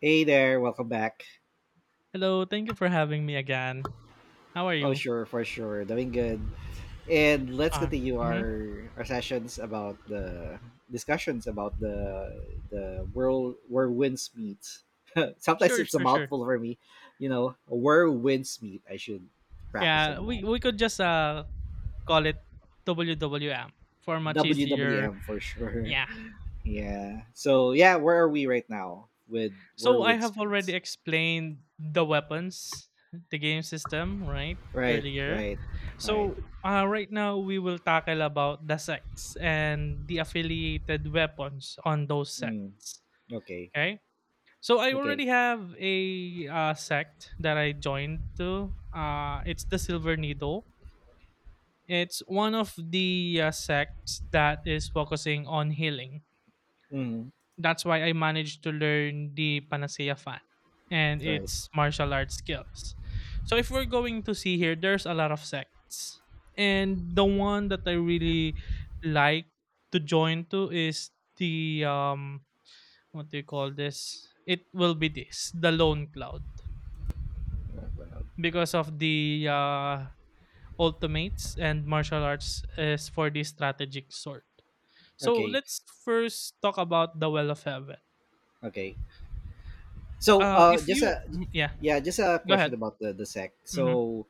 Hey there, welcome back. Hello, thank you for having me again. How are Oh you? sure, for sure, doing good. And let's Ah, continue mhm. our sessions about the discussions about the world where winds meet. Sometimes Sure, it's a sure, sure. mouthful for me, you know, where winds meet. I should practice Yeah, on we that. we could just call it WWM for much easier. WWM for sure. Yeah. Yeah. So yeah, where are we right now with where So I winds have meet? already explained the weapons, the game system, right? Right, Earlier. right, right. So right now we will tackle about the sects and the affiliated weapons on those Mm, sects. okay, Okay. So I okay. already have a sect that I joined to. It's the Silver Needle. It's one of the sects that is focusing on healing. Mm, That's why I managed to learn the Panacea Fan and right. its martial arts skills. So if we're going to see here, there's a lot of sects, and the one that I really like to join to is the what do you call this? It will be this the Lone Cloud Right, right. because of the ultimates and martial arts is for the strategic sort. So Okay. let's first talk about the Well of Heaven. Okay. So, If just you, a mm, yeah, yeah, just a go question ahead. about the sec. Mm-hmm. So,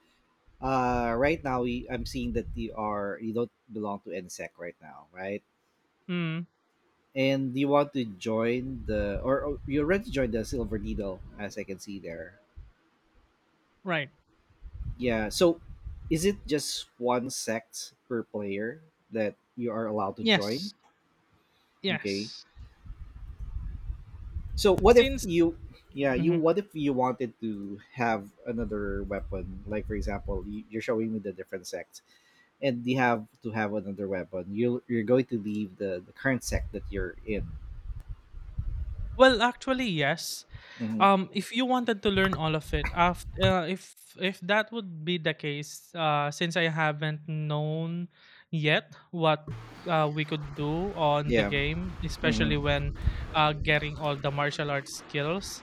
right now I'm seeing that you don't belong to NSEC right now, right? Mm, And you want to join the or you already joined the Silver Needle, as I can see there. right. Yeah. So, is it just one sect per player that you are allowed to join? Yes. Okay. Yes. So, what if Since, you yeah, you mhm. what if you wanted to have another weapon? Like for example, you're showing me the different sects and you have to have another weapon. You're going to leave the current sec that you're in. Well, actually, yes. Hmm. If you wanted to learn all of it, after if that would be the case, since I haven't known yet what we could do on the Yeah. game, Hmm. especially when getting all the martial arts skills,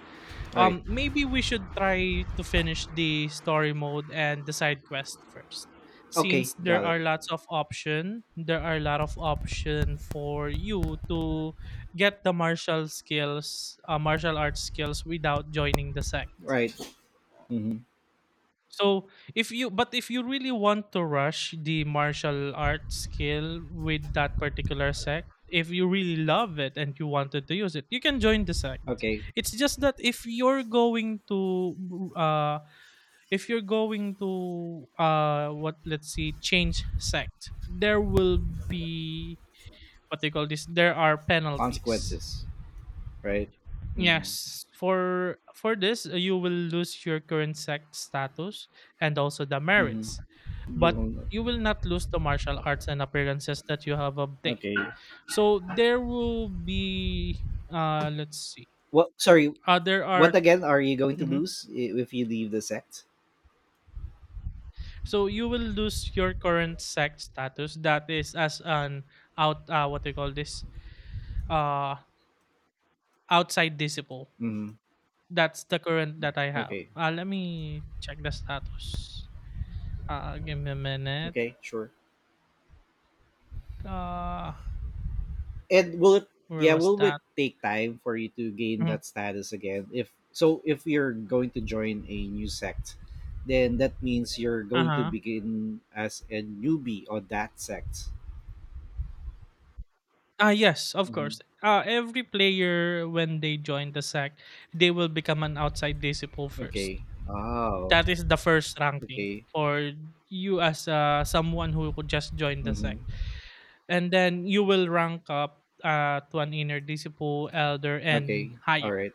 Right. Maybe we should try to finish the story mode and the side quest first. Okay. Since there Got are it. lots of option, there are a lot of option for you to get the martial skills, martial arts skills without joining the sect. Right. Hmm. So if you but if you really want to rush the martial art skill with that particular sect, if you really love it and you wanted to use it, you can join the sect. Okay. It's just that if you're going to uh if you're going to what let's see change sect, there will be what they call this there are penalties. Consequences. Right. Hmm. Yes, for this you will lose your current sect status and also the Hmm. merits, You but will. you will not lose the martial arts and appearances that you have obtained. Okay. So there will be let's see. What? Sorry. Uh, there What are again? Are you going to mhm. lose if you leave the sect? So you will lose your current sect status that is as an out what do you call this, uh outside disciple. Hmm. That's the current that I have. Okay. Let me check the status. Give me a minute. Okay. Sure. Uh, and will it where Yeah, was will that? it take time for you to gain Uh that status again if, so if you're going to join a new sect, then that means you're going to Uh-huh. begin as a newbie on that sect. Ah, yes, of Hmm. course. Every player, when they join the SAC, they will become an outside disciple first. Okay. Oh. That is the first ranking Okay. for you as someone who could just join the SAC. Hmm. And then you will rank up to an inner disciple, elder, Okay. and All higher. right.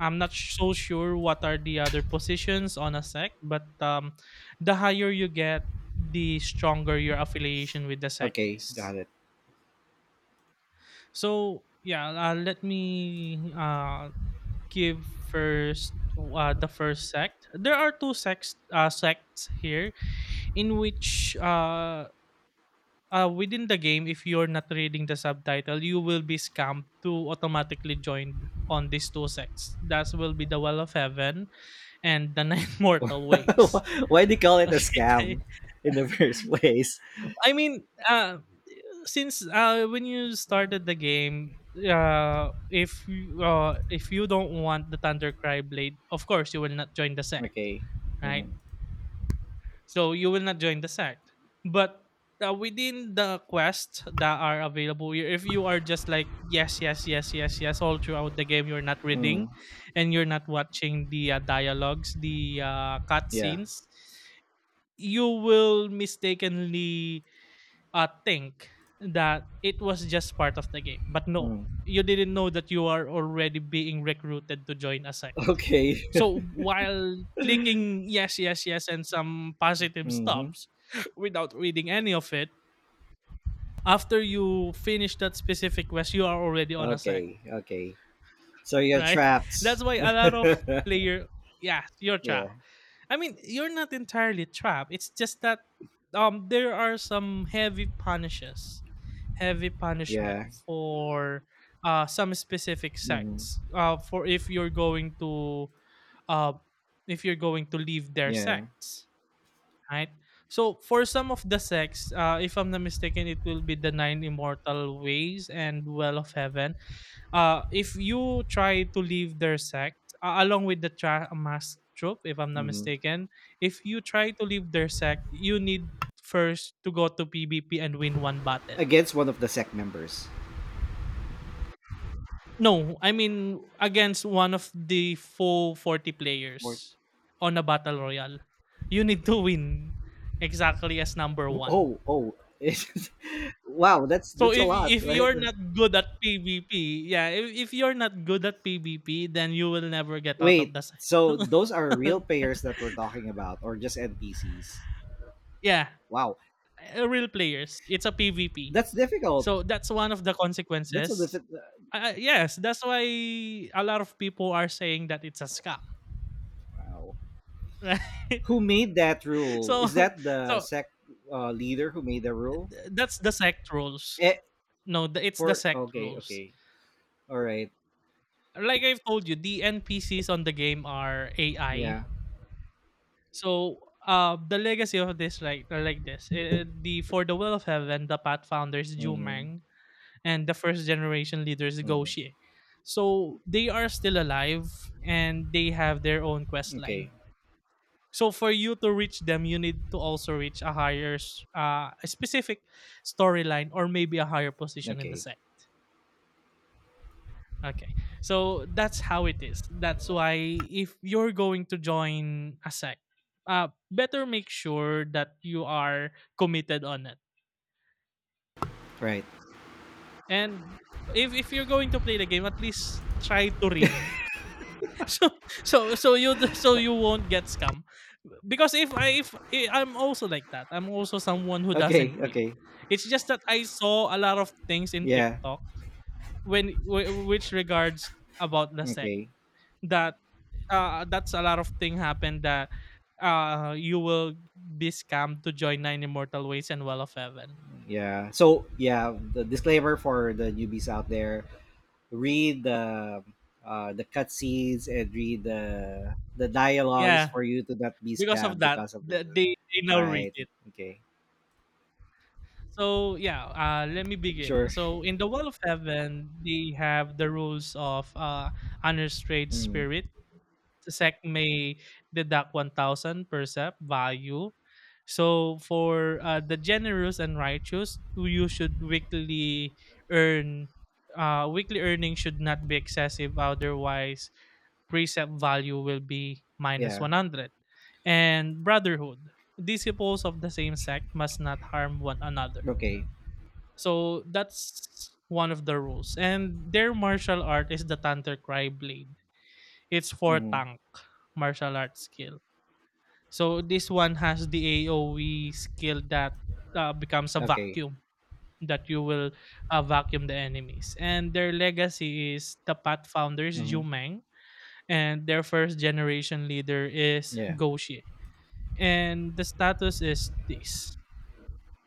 I'm not so sure what are the other positions on a SAC, but the higher you get, the stronger your affiliation with the sect Okay. is. Got it. So yeah, let me give first the first sect. There are two sects sects here in which within the game, if you're not reading the subtitle, you will be scammed to automatically join on these two sects. That will be the Well of Heaven and the Nine Mortal Ways. Why do you call it a Okay. scam in the first place? I mean, uh, since when you started the game, if you don't want the Thundercry blade, of course you will not join the sect, Okay. right? Hmm. So you will not join the sect. But within the quests that are available, if you are just like yes, yes, yes, yes, yes, all throughout the game, you're not Mm. reading, and you're not watching the dialogues, the Yeah. cutscenes, you will mistakenly think that it was just part of the game. But no, Mm. you didn't know that you are already being recruited to join a sect. Okay. So while clicking yes, yes, yes, and some positive Hmm. stops without reading any of it, after you finish that specific quest, you are already on a sect, Okay, okay. So you're right? trapped. That's why a lot of player, yeah, your Yeah, track. I mean, you're not entirely trapped. It's just that there are some heavy punishes, heavy punishment yeah, for some specific hmm, sects. For if you're going to uh if you're going to leave their yeah. sects, right? So for some of the sects, if I'm not mistaken, it will be the nine immortal ways and well of heaven. If you try to leave their sect, along with the mask troop, if I'm not Hmm. mistaken, if you try to leave their sect, you need first to go to PvP and win one battle. Against one of the sect members. No, I mean against one of the full 40 Or- players on a battle royale. You need to win exactly as number one. Oh, oh. Wow, So that's a lot, if right? you're not good at PvP, yeah, if you're not good at PvP, then you will never get out of Wait, the site. so those are real players that we're talking about, or just NPCs? Yeah, Wow, real players. It's a PvP. that's difficult. So that's one of the That's a consequences. difficult. Yes, that's why a lot of people are saying that it's a scam, Wow. right? Who made that rule? So, Is that the so sect leader who made the rule? th- that's the sect rules. Eh, No, it's the for sect okay, rules. okay, all right, Like I've told you, the NPCs on the game are AI. yeah. So, the legacy of this, the for the will of heaven, the pathfinders, Mm-hmm. Jumang, and the first generation leaders Mm-hmm. Goshi. So they are still alive and they have their own quest Okay. line. So for you to reach them, you need to also reach a higher, a specific storyline or maybe a higher position in the Okay. sect. Okay, so that's how it is. That's why if you're going to join a sect, better make sure that you are committed on it. Right. And if you're going to play the game, at least try to read so so you won't get scam because if I- I'm also like that, I'm also someone who Okay. doesn't read. Okay. It's just that I saw a lot of things in Yeah. tiktok which regards about the sec Okay. that that's a lot of thing happened that you will be scammed to join nine immortal ways and well of heaven, Yeah. So yeah, the disclaimer for the newbies out there: read the cutscenes and read the dialogues yeah, for you to not be because of scammed that because of this. They now read. Right. Okay. So yeah, let me begin. Sure. So in the Wall of Heaven, they have the rules of unrestrained Mm. spirit. The sect may deduct 1000% value. So for the generous and righteous, you should weekly earn. Weekly earning should not be excessive, otherwise precept value will be minus Yeah. 100. And brotherhood, disciples of the same sect must not harm one another, Okay. so that's one of the rules. And their martial art is the Tantor Cry Blade. It's for Hmm. tank martial arts skill. So this one has the AoE skill that becomes a Okay. vacuum that you will vacuum the enemies. And their legacy is the Pathfounders Hmm. Yu Meng, and their first generation leader is Yeah. Goshi. And the status is this.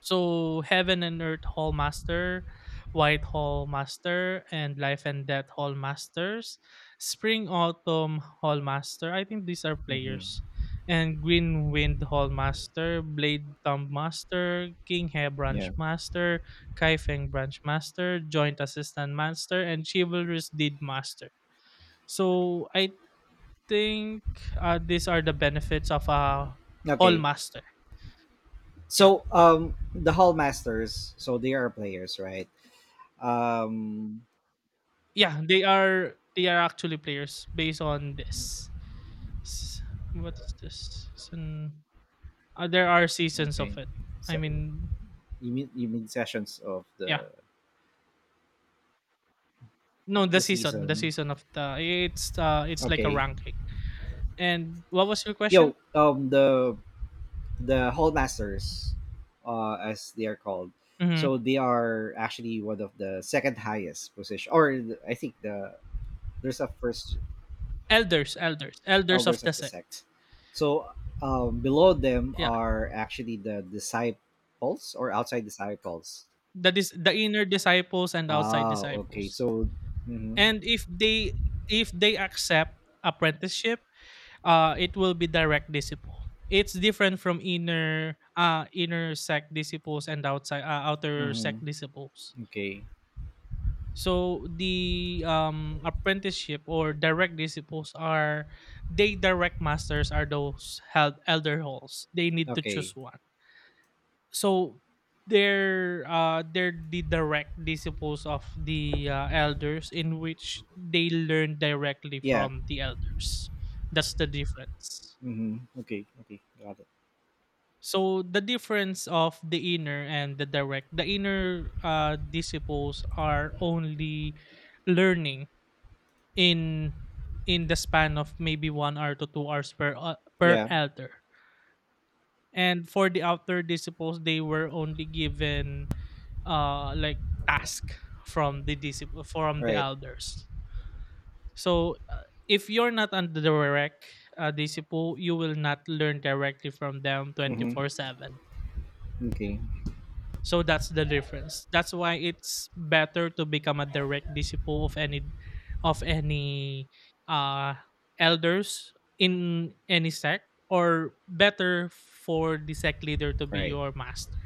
So Heaven and Earth Hall Master, White Hall Master, and Life and Death Hall Masters, Spring Autumn Hall Master. I think these are Hmm. players. And Green Wind Hall Master, Blade Thumb Master, King Hair Branch Yeah. Master, Kaifeng Branch Master, Joint Assistant Master, and Chivalrous Deed Master. So I think these are the benefits of a Hall Okay. Master. Yeah. So the Hall Masters. So they are players, right? Um, Yeah, they are actually players based on this. S- What's this? Season? There are seasons okay. of it. I So mean, you mean sessions of yeah. No, the the season. season of the it's like a Okay. ranking. And what was your question? Yo, um, the Hall Masters, uh, as they are called. Hmm. So they are actually one of the second highest position , or the- I think the there's a first, Elders of elders the of the sects. sect. So um, below them Yeah, are actually the disciples or outside disciples. that is the inner disciples and outside Ah, okay. disciples. So mhm. And if they accept apprenticeship, it will be direct disciple. It's different from inner inner sect disciples and outside outer sect Mhm. disciples. Okay. So the apprenticeship or direct disciples are they direct masters are those held elder halls, they need to Okay. choose one. So they're the direct disciples of the elders in which they learn directly Yeah, from the elders. That's the difference. mm-hmm. Okay. Okay. Got it. So the difference of the inner and the direct, the inner disciples are only learning in in the span of maybe 1 hour to 2 hours per per Yeah. elder, and for the outer disciples, they were only given like task from the disciple from the Right. elders. So if you're not on the direct disciple, you will not learn directly from them twenty Mm-hmm. four seven Okay. So that's the difference. That's why it's better to become a direct disciple of any uh elders in any sect or better for the sect leader to be Right. your master.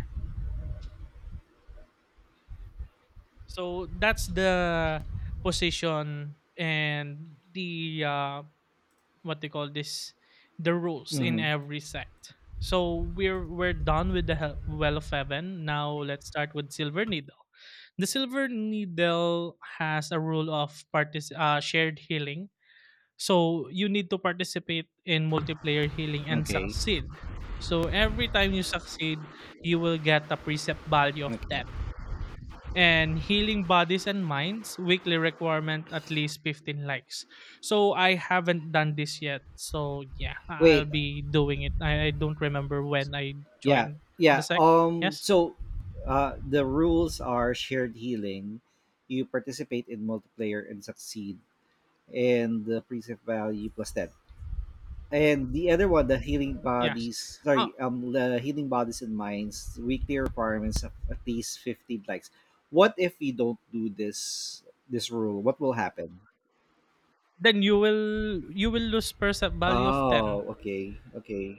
So that's the position and the what they call this the rules in Mm-hmm. every sect. So we're done with the well of heaven. Now let's start with silver needle. The silver needle has a rule of shared healing. So you need to participate in multiplayer healing and Okay. succeed. So every time you succeed, you will get a precept value of 10, Okay. and healing bodies and minds weekly requirement at least 15 likes. So I haven't done this yet, so yeah, I'll Wait. be doing it. I don't remember when I Yeah. joined the Yeah. sec. Um, Yes, so, the rules are shared healing. You participate in multiplayer and succeed, and the preset value plus ten. And the other one, the healing yes. bodies. Ah, Sorry. Um, the healing bodies and minds. Weekly requirements of at least 15 likes. What if we don't do this? This rule. What will happen? then you will lose percept value of 10. Oh, okay, okay.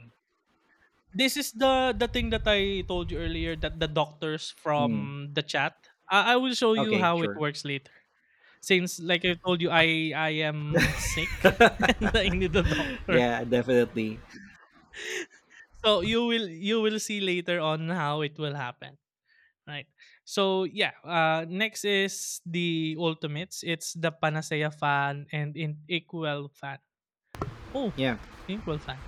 This is the thing that I told you earlier, that the doctors Mm. from the chat, I will show you Okay, how it sure. works later. Since like I told you, I am sick and I need a doctor. Yeah, definitely. So you will see later on how it will happen, right? So yeah, next is the ultimates. It's the Panacea fan and in Inkwell fan. Oh, Yeah. Inkwell fan.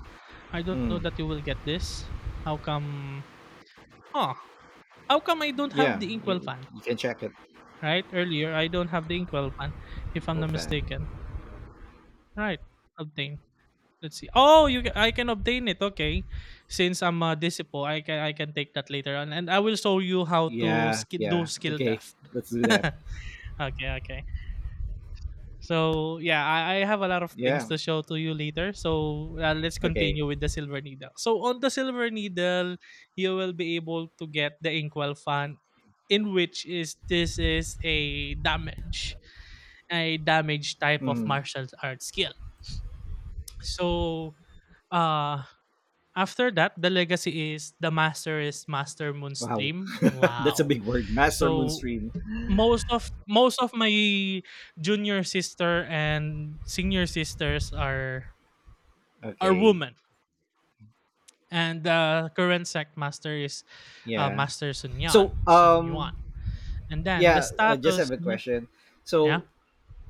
I don't know Mm. that you will get this. How come? Huh? How come I don't have Yeah, the Inkwell fan? you can check it. Right earlier, I don't have the Inkwell fan, if I'm Go not fan. mistaken. Right, obtain. Let's see. Oh, you ca I can obtain it. Okay. Since I'm a disciple, I can take that later on, and I will show you how to Yeah, yeah. skill Okay, theft. let's do that. Okay, okay. So yeah, I have a lot of things Yeah. to show to you later. So let's Okay. continue with the silver needle. So on the silver needle, you will be able to get the inkwell fan, in which is this is a damage type of Mm. martial arts skill. So uh after that, the legacy is the master is Master Wow. Moonstream. That's a Wow. big word. Master So Moonstream. Most of my junior sister and senior sisters are Okay. women. And the current sect master is Yeah. Master Sun Yan, So, Sun Yuan. um, And then the yeah, I just status. have a Mhm. question. Yeah. So,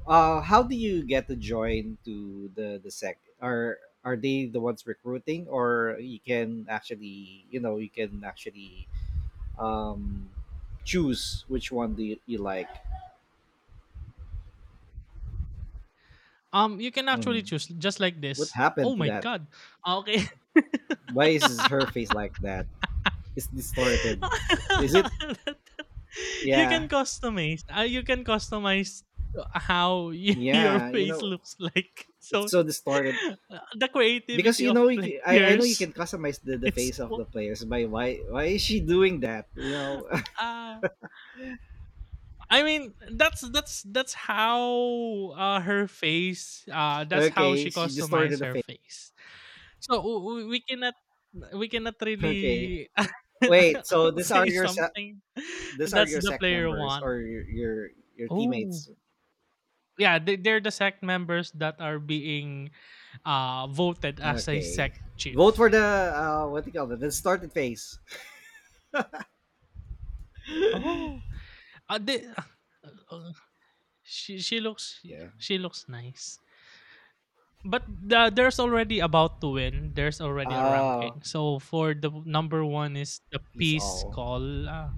uh, how do you get to join to the sec? Are they the ones recruiting, or you can actually, you know, you can actually um, choose which one do you like? You can Hmm. actually choose just like What this. Oh happened to my that? god. Okay. Why is her face like that? It's distorted. Is it? You Yeah, can customize, ah, you can customize how y your yeah. You face know, looks like. it's So, so distorted the because creativity you of know you can, I know you players. can customize the It's face of so the players by why is she doing that? You know, ah, I mean, that's how, her face, that's how okay, she she distorted customize the her face. face. So, we cannot we cannot Okay. really Wait. So these are say your something. these are That's your the sec player members 1. or your Oh. teammates. Yeah, they're the sect members that are being voted as a Okay. sect Vote for chief. the what do you call that? The distorted face. Oh, uh, they, uh, uh, she looks, Yeah. she looks nice, but there's already about to win, there's already a ranking. Ah, So for the number one is the he's peace all. call.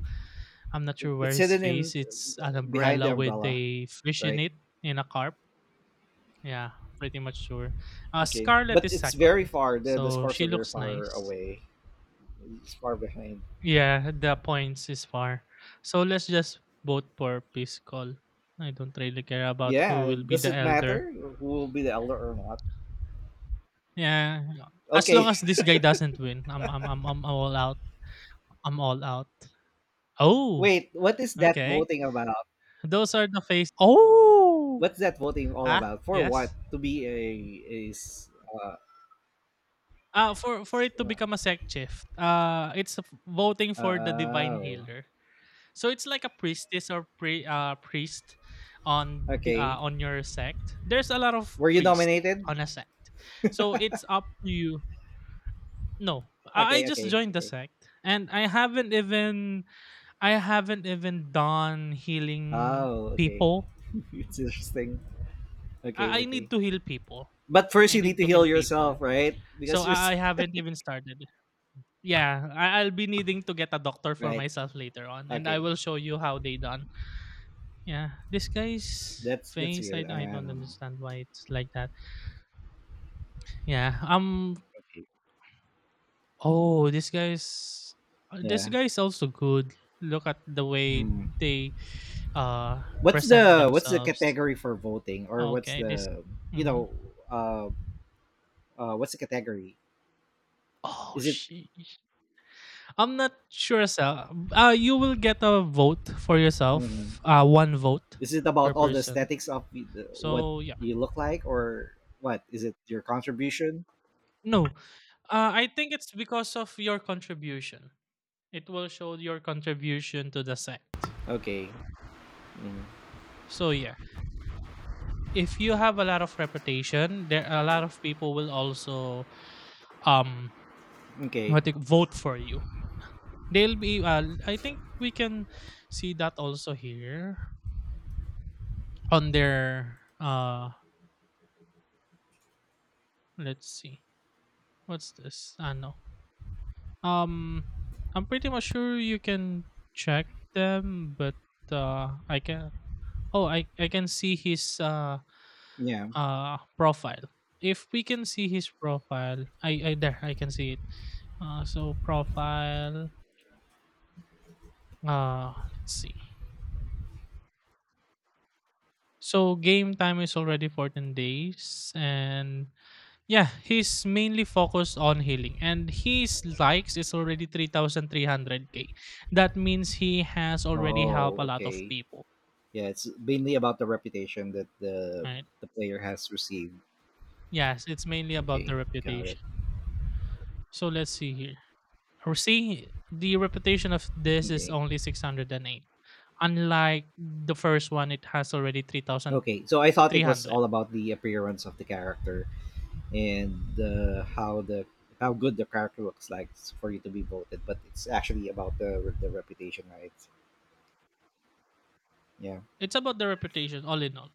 I'm not It- sure where It's his hidden in face. It's an behind the umbrella with umbrella, a fish in right? it, in a carp. Yeah, pretty much sure. Okay. Scarlet But is it's very second, far. The so scores are she very looks far nice. away. It's far behind. Yeah, the points is far. So let's just vote for peace call. I don't really care about who Yeah. will be Does the it elder. matter who will be the elder or not? Yeah, as long Okay. as this guy doesn't win, I'm all out. I'm all out. Oh, Wait. What is that okay. voting about? Those are the face. Oh, What's that voting all huh? about? For what? Yes. To be a is uh, For s- it to become a sect shift, it's voting uh for the divine oh healer. So it's like a priestess or priest on the okay. on your sect. There's a lot of Were you priests nominated? on a sect, so it's up to you. No, I Okay, just okay, joined the okay. sect, and I haven't even, I haven't even done healing Oh, okay. people. It's interesting. Okay, I need okay. to heal people. But first, I you need need to to heal heal people, yourself, right? so Because you're s- I haven't even started. Yeah, I'll be needing to get a doctor for right. myself later on, and I Okay, will show you how they done. Yeah, this guy's that's face, weird. I I don't don't know. understand why it's like that. Yeah, Okay. oh, this Yeah. guy's also good. Look at the way Hmm. they uh What's present the themselves. category for voting, or what's Okay, this. the you Mhm. know uh what's the category? Oh Is it? shit! I'm not sure, sir. You will get a vote for Mhm. yourself. One vote Is it per about all the person. aesthetics of what So yeah, you look like, or what? Is it your contribution? no. I think it's because of your contribution. It will show your contribution to the sect. Okay. Mm. So yeah, if you have a lot of reputation, there a lot of people will also um Okay. Vote for you. They'll be I think we can see that also here on their let's see. What's this? I know. Um, I'm pretty much sure you can check them, but I can. Oh, I can see his Yeah. Profile. If we can see his profile, I there I can see it. So profile, let's see. So game time is already 14 days, and yeah, he's mainly focused on healing, and his likes is already 3300k. That means he has already helped Oh, a lot of okay. people. Yeah, it's mainly about the reputation that the Right. the player has received. Yes, it's mainly about the Okay, got it. reputation. So let's see here. Or see, the reputation of this is Okay. only 608, unlike the first one, it has already Okay, so I 3300. thought it was all about the appearance of the character and the how good the character looks like for you to be voted, but it's actually about the reputation, right? Yeah. It's about the reputation all in all.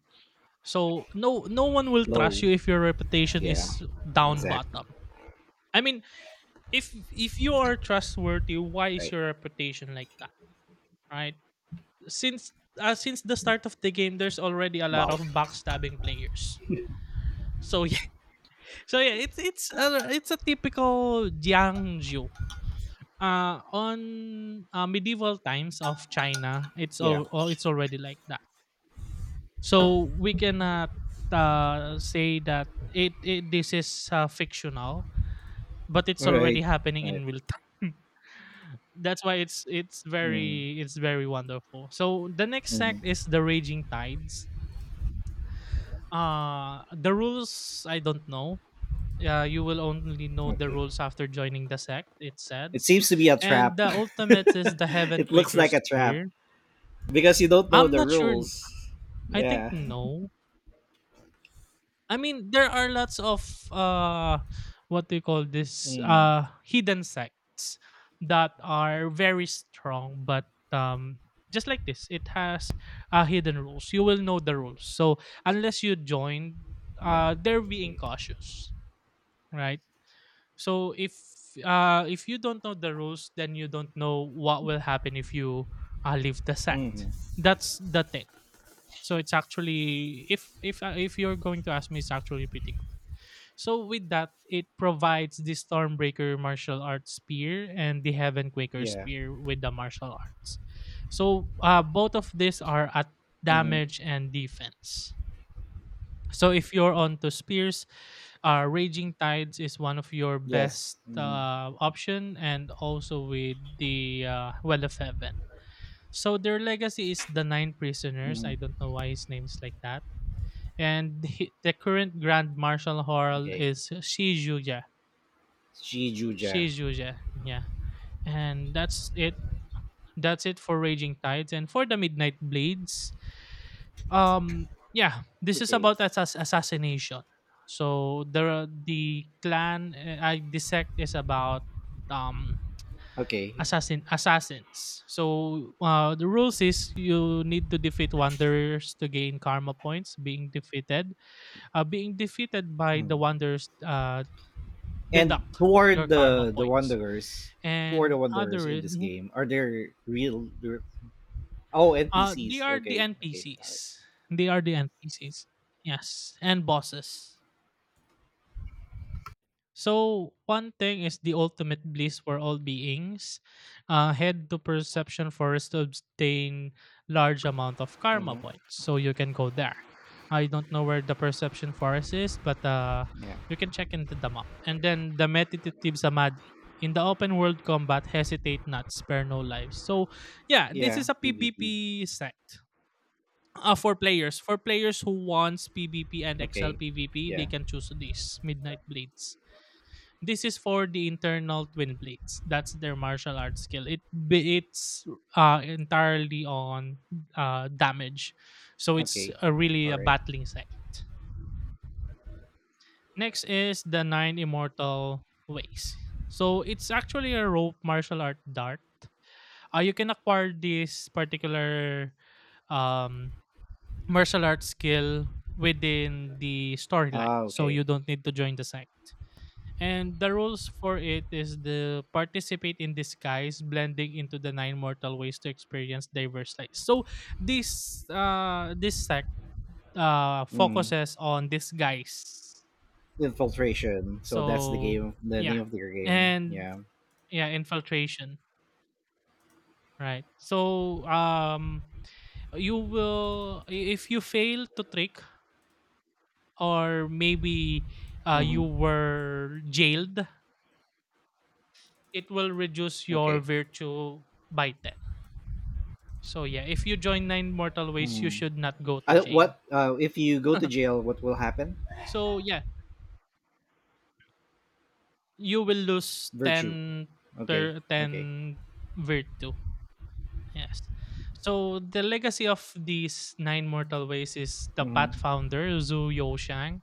So no, no one will trust Low. you if your reputation Yeah. is down Exactly. bottom. I mean, if you are trustworthy, why is Right. your reputation like that, right? Since since the start of the game, there's already a lot Wow. of backstabbing players. So yeah, so yeah, it's a typical Jiangju. On medieval times of China, Yeah. It's already like that. So we cannot say that it this is fictional, but it's Right. already Right. happening in real time. That's why Mm, it's very wonderful. So the next sect mhm. is the Raging Tides. The rules I don't know. You will only know the Okay. rules after joining the sect, it It says. seems to be a And trap. the ultimate is the Heaven It looks Quaker like a trap Spear. because you don't know I'm the not sure. rules. I think Yeah. no. I mean, there are lots of what do you call this? Mm. Uh, hidden sects that are very strong, but just like this, it has hidden rules. You will know the rules. So unless you join, Yeah. They're being Okay. cautious, right? So if you don't know the rules, then you don't know what will happen if you leave the Hmm. sect. That's the thing. So it's actually if you're going to ask me, it's actually pretty good. So with that, it provides the Stormbreaker martial arts spear and the Heavenquaker Yeah. spear with the martial arts. So both of these are at Hmm. damage and defense. So if you're on to Spears, Raging Tides is one of your best Yes. Hmm. Option, and also with the Well of Heaven. So their legacy is the Nine Prisoners. I Hmm. don't know why his name is like that. And the current Grand Marshal Horl Okay. is Shizuya. Shijuja. Shizuya, yeah. And that's it. That's it for Raging Tides. And for the Midnight Blades, yeah, this is Okay. about assassination. So the clan I dissect is about um Okay. Assassins. So the rules is you need to defeat wanderers to gain karma points. Being defeated by the Hmm. wanderers And deduct your toward karma the points. wanderers, who are the And wanderers other in is this mhm. game? Are there real? Oh, They NPCs. are the Okay. Okay. Got it. NPCs, they are the NPCs, yes, and bosses. So one thing is the ultimate bliss for all beings. Head to perception forest to obtain large amount of karma Mm-hmm. points. So you can go there. I don't know where the perception forest is, but Yeah. you can check into the map. And then the meditative samadhi. In the open world combat, hesitate not, spare no lives. So yeah, this Yeah. is a PvP. PvP set. For players. For players who wants PvP and Excel Okay. PvP, they Yeah. can choose this Midnight Blades. This is for the internal twin blades. That's their martial arts skill. It's entirely on damage, so it's Okay. a really All a right. battling sect. Next is the nine immortal ways. So it's actually a rope martial art dart. You can acquire this particular um, martial arts skill within the storyline, Ah. so Okay. you don't need to join the sect. And the rules for it is the participate in disguise, blending into the nine mortal ways to experience diverse lives. So this sect Mm. focuses on disguise. Infiltration. So that's the So game. The yeah. name of their game. And Yeah. yeah, infiltration. Right. So you will if you fail to trick or maybe you Mm-hmm. were jailed, it will reduce your Okay. virtue by 10. So yeah, if you join nine mortal ways, you Mm. should not go I to don't- jail. what if you go to jail? What will happen? So yeah, you will lose Virtue. 10 Okay. per Okay. 10 virtue. Yes. So the legacy of these nine mortal ways is the path Mm-hmm. founder Zhu Youshang,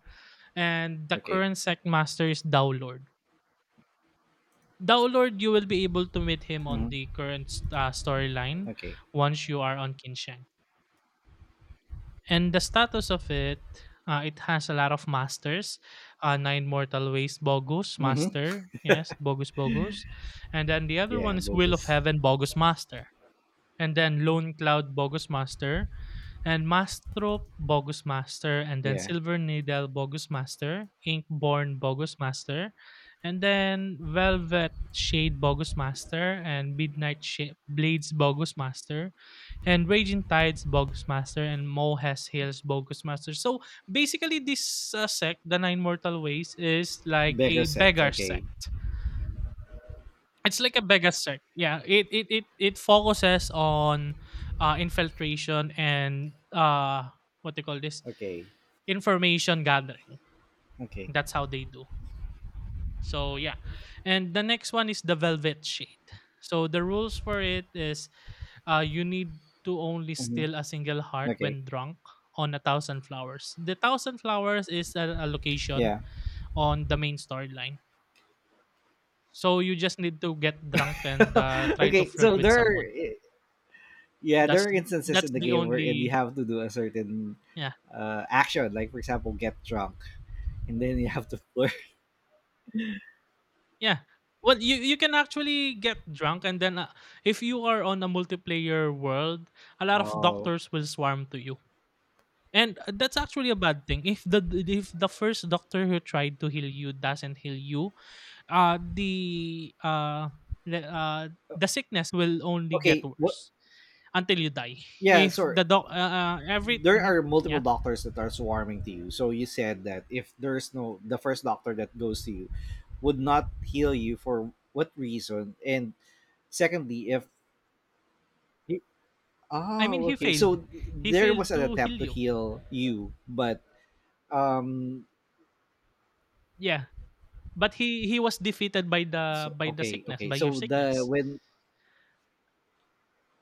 and the Okay. current sect master is Dao Lord. Dao Lord, you will be able to meet him on Mm-hmm. the current storyline Okay. once you are on Kinsheng. And the status of it, it has a lot of masters. Nine Mortal Ways, Bogus Mm-hmm. Master. Yes, Bogus. And then the other Yeah. one is Will of Bogus. Heaven, Bogus Master. And then Lone Cloud, Bogus Master, and Mastrop Bogus Master, and then Yeah. Silver Needle Bogus Master, Inkborn Bogus Master, and then Velvet Shade Bogus Master, and Midnight Blades Bogus Master, and Raging Tides Bogus Master, and Mohes Hills Bogus Master. So basically, this sect, the Nine Mortal Ways, is like Beggar a sect. beggar Okay. sect. It's like a big sec. Yeah, it focuses on infiltration and what they call this Okay. information gathering. Okay. That's how they do. So yeah, and the next one is the Velvet Shade. So the rules for it is, you need to only Mm-hmm. steal a single heart Okay. when drunk on a thousand flowers. The thousand flowers is a location Yeah. on the main storyline. So you just need to get drunk and try to Okay. flirt So with there. someone. Yeah, there That's are th- instances that's in the the game wherein you only have to do a certain yeah, action, like for example, get drunk, and then you have to flirt. yeah. Well, you can actually get drunk and then if you are on a multiplayer world, a lot of Oh, doctors will swarm to you. And that's actually a bad thing. If the first doctor who tried to heal you doesn't heal you, uh the uh the, uh the sickness will only get okay. What? worse until you die. Yeah, If sorry. the doc every There mhm, are multiple Yeah, doctors that are swarming to you. So you said that if there's no the first doctor that goes to you would not heal you for what reason, and secondly, if he, I mean oh he okay, failed. so He there was failed an to attempt heal to you. heal you, but um, Yeah. But he was defeated by the so by the okay, sickness, okay, by your so the sickness. when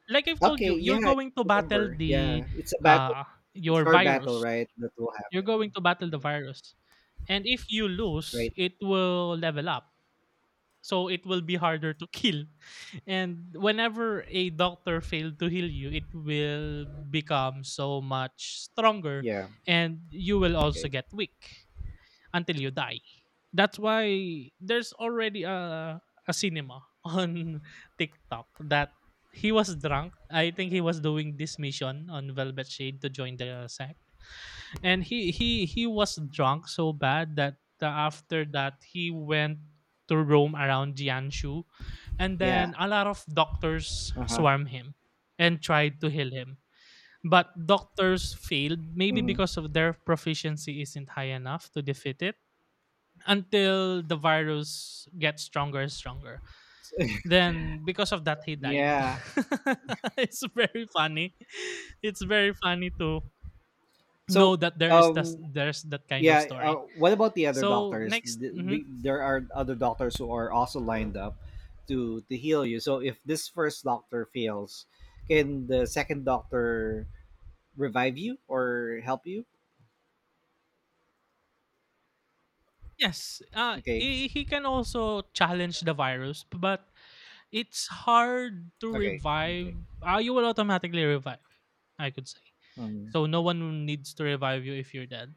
Like I've told okay, you, yeah, you're I going to battle remember. the Yeah, it's a battle. uh It's your card battle, virus. right? That will You're happen. going to battle the Mhm. virus. And if you lose, Right. it will level up. So it will be harder to kill. And whenever a doctor failed to heal you, it will become so much stronger Yeah. and you will also Okay. get weak until you die. That's why there's already a cinema on TikTok that he was drunk. I think he was doing this mission on Velvet Shade to join the sect, and he was drunk so bad that after that he went to roam around Jianshu, and Yeah. then a lot of doctors Uh huh. swarm him and tried to heal him, but doctors failed maybe Hmm. because of their proficiency isn't high enough to defeat it until the virus gets stronger and stronger. Then because of that he died. Yeah. It's very funny. It's very funny to So, know that there is that um, there's that kind of yeah. Story. What about the other So doctors? next mhm. There are other doctors who are also lined up to heal you. So, if this first doctor fails, can the second doctor revive you or help you? Yes, Okay. He can also challenge the virus, but it's hard to Okay. revive. Okay. You will automatically revive. I could say. Mm-hmm. So no one needs to revive you if you're dead.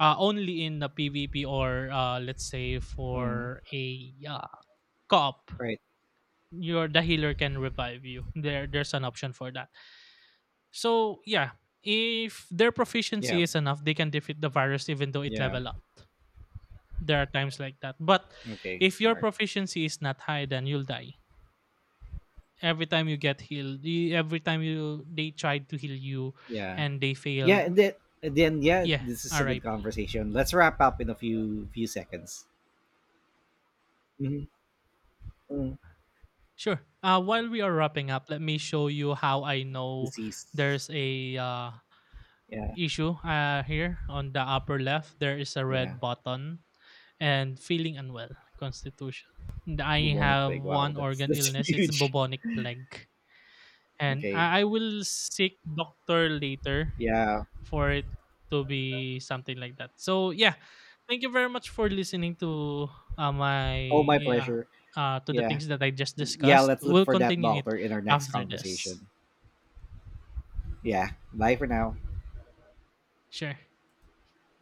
Only in the PvP or let's say Mm-hmm. for a cop, Right. your the healer can revive you. There's an option for that. So yeah, if their Yeah. proficiency is enough, they can defeat the virus even though it Yeah. level up. There are times like that. But Okay, if your hard. proficiency is not high, then you'll die. Every time you get healed, every time you they tried to heal you, Yeah, and they yeah, failed. And then yeah, Yeah, this is a good RIP. conversation. Let's wrap up in a few seconds. Hmm. Sure. While we are wrapping up, let me show you how I know Disease. there's a Yeah, issue here on the upper left. There is a yeah. red button and feeling unwell constitution. And I Bubonic have plague. Wow, one organ that's illness. It's huge. bubonic plague, and Okay. I will seek doctor later Yeah. for it to be something like that. So yeah, thank you very much for listening to my Oh, my yeah pleasure. To the Yeah, things that I just yeah. discussed. Let's look We'll for that continue it doctor in our next after this. conversation. Yeah. Bye for now. Sure.